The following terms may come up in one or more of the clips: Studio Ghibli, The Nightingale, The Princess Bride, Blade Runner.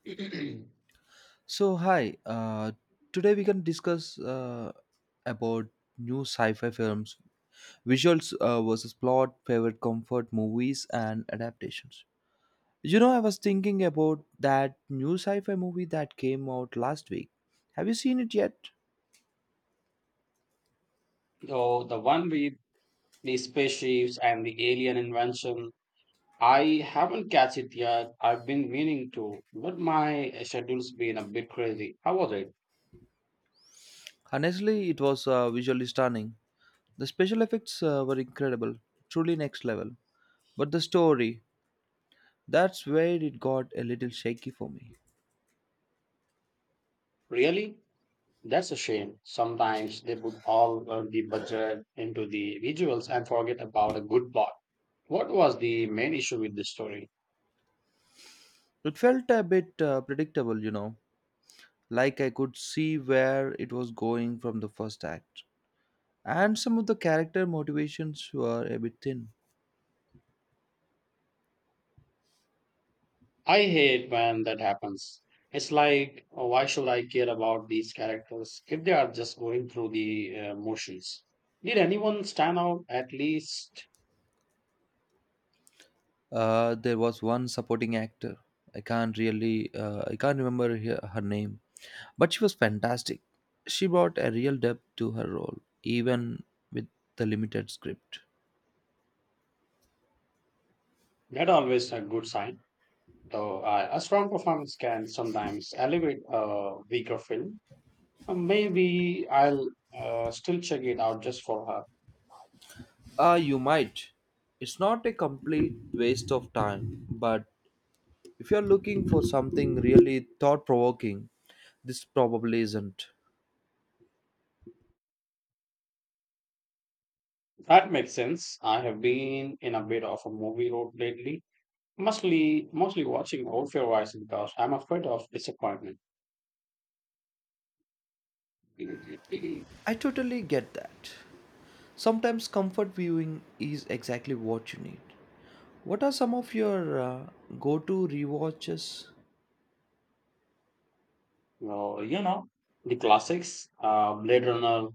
So hi, today we can discuss about new sci-fi films, visuals versus plot, favorite comfort movies, and adaptations. You know, I was thinking about that new sci-fi movie that came out last week. Have you seen it yet? Oh, the one with the spaceships and the alien invention. I haven't catch it yet. I've been meaning to, but my schedule's been a bit crazy. How was it? Honestly, it was visually stunning. The special effects were incredible, truly next level. But the story, that's where it got a little shaky for me. Really? That's a shame. Sometimes they put all of the budget into the visuals and forget about a good plot. What was the main issue with this story? It felt a bit predictable, like I could see where it was going from the first act. And some of the character motivations were a bit thin. I hate when that happens. It's like, oh, why should I care about these characters if they are just going through the motions? Did anyone stand out? At least There was one supporting actor. I can't really, I can't remember her name, but she was fantastic. She brought a real depth to her role, even with the limited script. that always a good sign. Though a strong performance can sometimes elevate a weaker film. Maybe I'll still check it out just for her. You might. It's not a complete waste of time, but if you're looking for something really thought provoking, this probably isn't. That makes sense. I have been in a bit of a movie road lately. Mostly watching old favorites because I'm afraid of disappointment. I totally get that. Sometimes comfort viewing is exactly what you need. What are some of your go to rewatches? Well, you know, the classics, Blade Runner,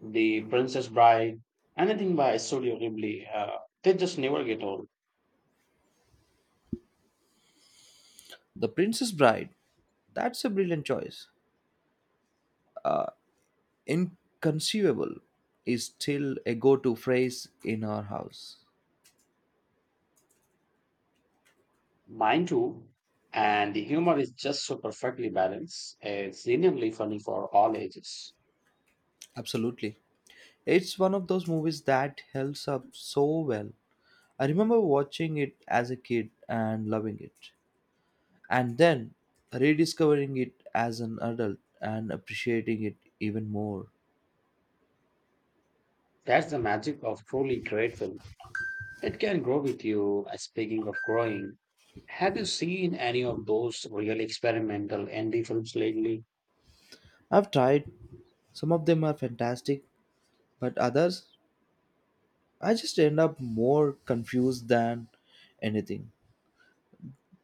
The Princess Bride, anything by Studio Ghibli, they just never get old. The Princess Bride. That's a brilliant choice. Inconceivable is still a go to phrase in our house. Mine too. And the humor is just so perfectly balanced. It's genuinely funny for all ages. Absolutely. It's one of those movies that holds up so well. I remember watching it as a kid and loving it, and then rediscovering it as an adult and appreciating it even more. That's the magic of truly great film. It can grow with you. Speaking of growing, have you seen any of those really experimental indie films lately? I've tried, some of them are fantastic, but others I just end up more confused than anything.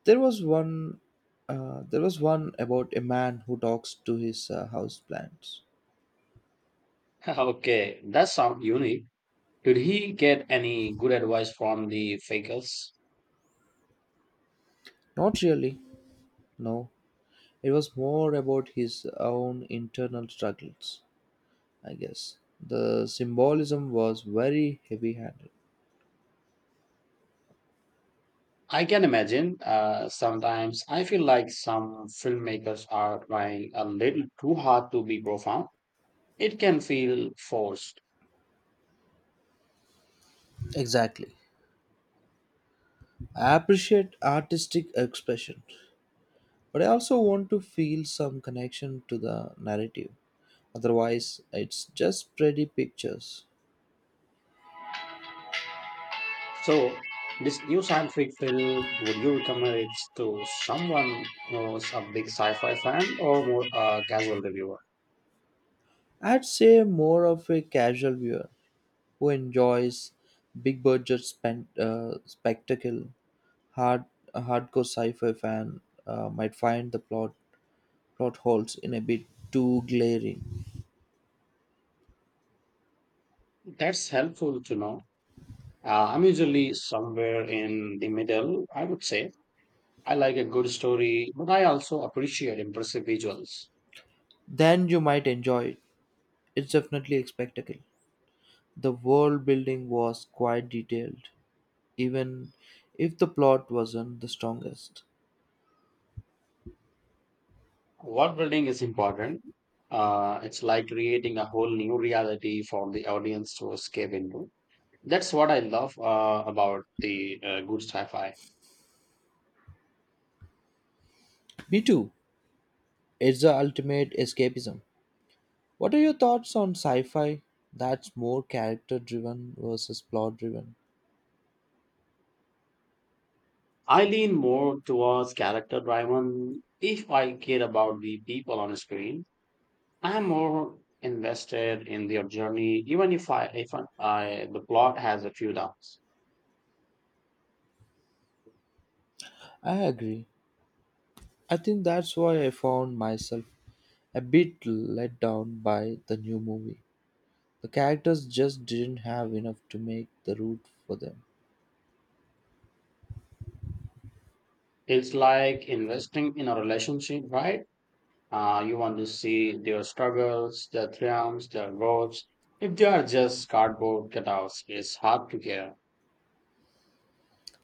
There was one about a man who talks to his house plants. Okay, that sounds unique. Did he get any good advice from the faculty? Not really, no. It was more about his own internal struggles, I guess. The symbolism was very heavy handed. I can imagine. Sometimes I feel like some filmmakers are trying a little too hard to be profound. It can feel forced. Exactly. I appreciate artistic expression, but I also want to feel some connection to the narrative. Otherwise, it's just pretty pictures. So, this new scientific film, would you recommend it to someone who's a big sci-fi fan or more a casual reviewer? I'd say more of a casual viewer who enjoys big budget spectacle. Hard a hardcore sci-fi fan might find the plot holes in a bit too glaring. That's helpful to know. I'm usually somewhere in the middle, I would say. I like a good story, but I also appreciate impressive visuals. Then you might enjoy it. It's definitely a spectacle. The world building was quite detailed even if the plot wasn't the strongest. World building is important. It's like creating a whole new reality for the audience to escape into. That's what I love about the good sci-fi. Me too. It's the ultimate escapism. What are your thoughts on sci fi that's more character driven versus plot driven? I lean more towards character-driven if I care about the people on screen. I'm more invested in their journey, even if I the plot has a few downs. I agree. I think that's why I found myself a bit let down by the new movie. The characters just didn't have enough to make the root for them. It's like investing in a relationship, right? You want to see their struggles, their triumphs, their growths. If they are just cardboard cutouts, it's hard to care.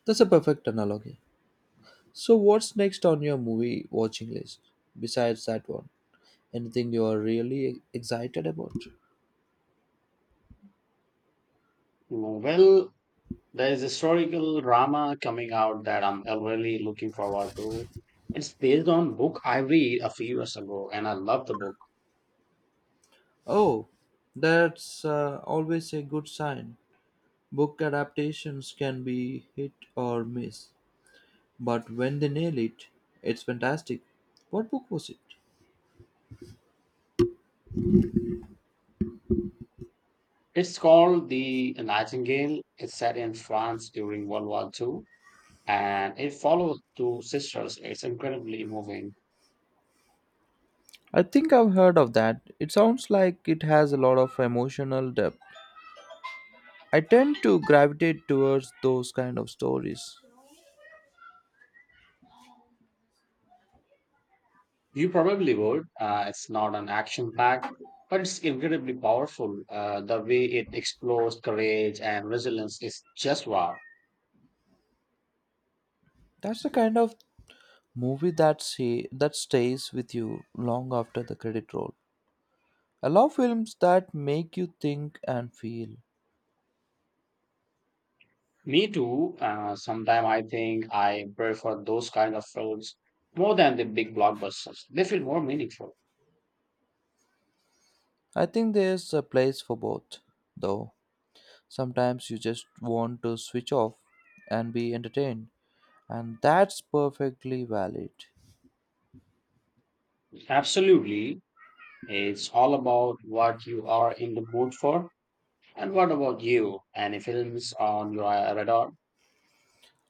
That's a perfect analogy. So, what's next on your movie watching list besides that one? Anything you are really excited about? Well, there is historical drama coming out that I'm really looking forward to. It's based on book I read a few years ago, and I love the book. Oh, that's always a good sign. Book adaptations can be hit or miss, but when they nail it, it's fantastic. What book was it? It's called The Nightingale. It's set in France during World War II, and it follows two sisters. It's incredibly moving. I think I've heard of that. It sounds like it has a lot of emotional depth. I tend to gravitate towards those kind of stories. You probably would. It's not an action pack, but it's incredibly powerful. The way it explores courage and resilience is just wow. That's the kind of movie that stays with you long after the credit roll. I love films that make you think and feel. Me too. Sometimes I think I prefer those kind of films more than the big blockbusters. They feel more meaningful. I think there's a place for both, though. Sometimes you just want to switch off and be entertained, and that's perfectly valid. Absolutely. It's all about what you are in the mood for. And what about you? Any films on your radar?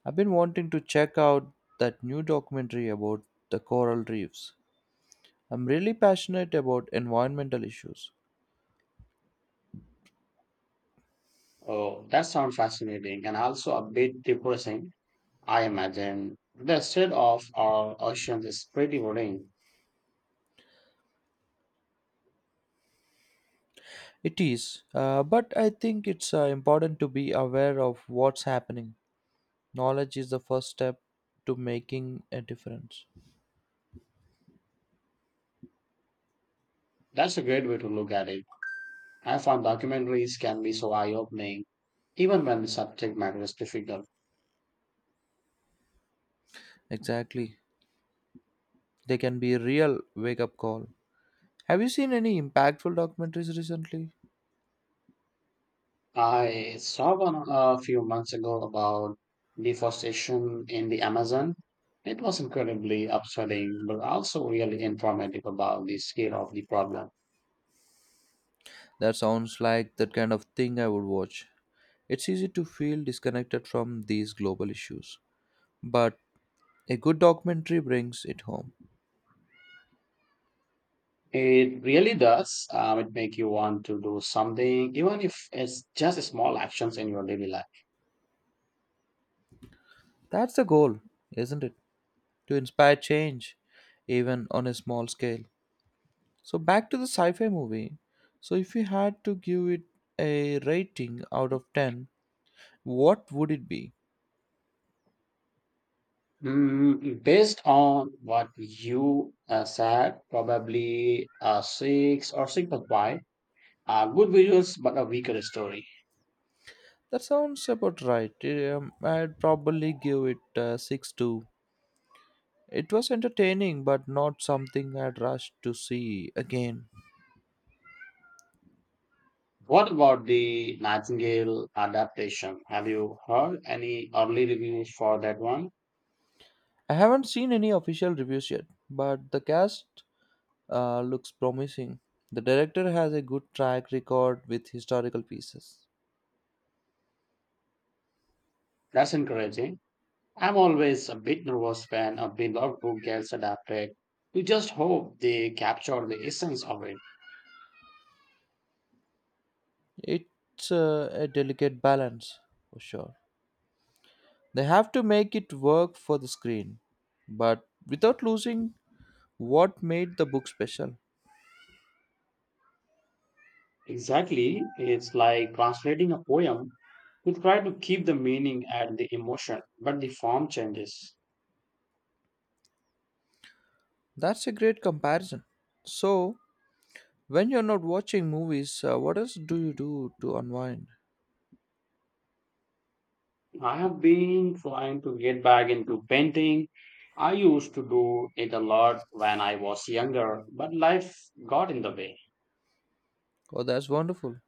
I've been wanting to check out that new documentary about the coral reefs. I'm really passionate about environmental issues. Oh, that sounds fascinating and also a bit depressing, I imagine. The state of our oceans is pretty worrying. It is, but I think it's important to be aware of what's happening. Knowledge is the first step to making a difference. That's a great way to look at it. I found documentaries can be so eye-opening, even when the subject matter is difficult. Exactly. They can be a real wake up call. Have you seen any impactful documentaries recently? I saw one a few months ago about deforestation in the Amazon. It was incredibly upsetting, but also really informative about the scale of the problem. That sounds like that kind of thing I would watch. It's easy to feel disconnected from these global issues, but a good documentary brings it home. It really does. It make you want to do something, even if it's just small actions in your daily life. That's the goal, isn't it? To inspire change, even on a small scale. So, back to the sci fi movie. So, if you had to give it a rating out of 10, what would it be? Based on what you said, probably a 6 or 6.5. Good visuals, but a weaker story. That sounds about right. I'd probably give it 6.2. It was entertaining, but not something I'd rush to see again. What about the Nightingale adaptation? Have you heard any early reviews for that one? I haven't seen any official reviews yet, but the cast looks promising. The director has a good track record with historical pieces. That's encouraging. I'm always a bit nervous when a beloved book gets adapted. You just hope they capture the essence of it. It's a delicate balance, for sure. They have to make it work for the screen, but without losing what made the book special. Exactly. It's like translating a poem. You try to keep the meaning and the emotion, but the form changes. That's a great comparison. So, when you're not watching movies, what else do you do to unwind? I have been trying to get back into painting. I used to do it a lot when I was younger, but life got in the way. Oh, that's wonderful.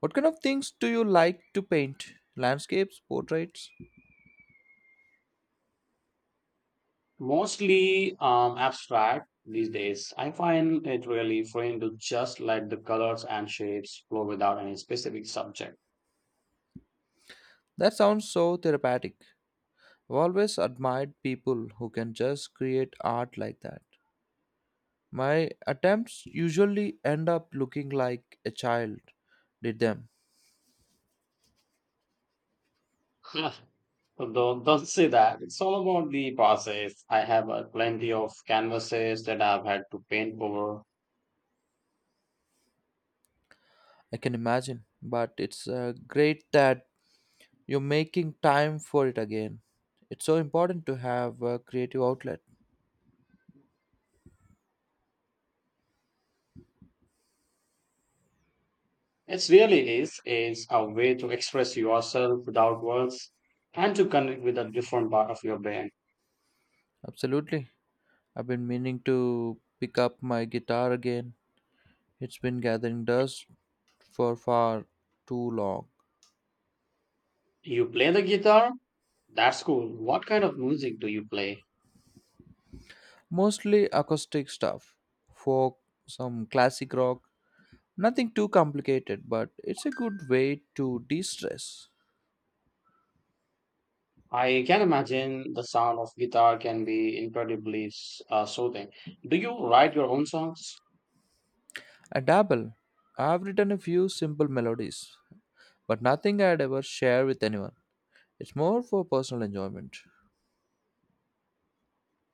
What kind of things do you like to paint? Landscapes, portraits? Mostly abstract these days. I find it really freeing to just let the colors and shapes flow without any specific subject. That sounds so therapeutic. I've always admired people who can just create art like that. My attempts usually end up looking like a child did them. Huh. So don't say that. It's all about the process. I have plenty of canvases that I've had to paint over. I can imagine, but it's great that you're making time for it again. It's so important to have a creative outlet. It really is. It's a way to express yourself without words and to connect with a different part of your brain. Absolutely. I've been meaning to pick up my guitar again. It's been gathering dust for far too long. You play the guitar? That's cool. What kind of music do you play? Mostly acoustic stuff, folk, some classic rock, nothing too complicated, but it's a good way to de stress. I can imagine the sound of guitar can be incredibly soothing. Do you write your own songs? I dabble. I've written a few simple melodies, but nothing I'd ever share with anyone. It's more for personal enjoyment.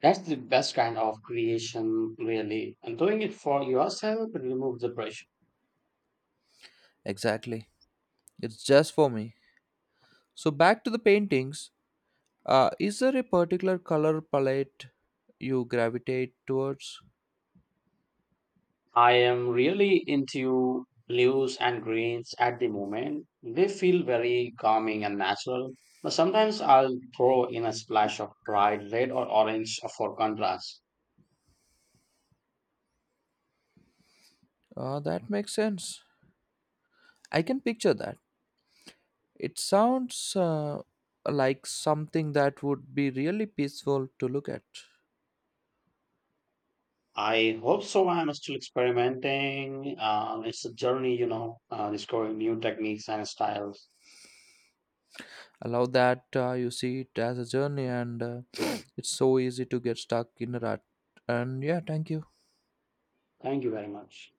That's the best kind of creation, really. And doing it for yourself removes the pressure. Exactly. It's just for me. So, back to the paintings. Is there a particular color palette you gravitate towards? I am really into blues and greens at the moment. They feel very calming and natural. But sometimes I'll throw in a splash of bright red or orange for contrast. That makes sense. I can picture that. It sounds like something that would be really peaceful to look at. I hope so. I'm still experimenting. It's a journey, you know, discovering new techniques and styles. Allow that you see it as a journey, and it's so easy to get stuck in a rut. And yeah, thank you. Thank you very much.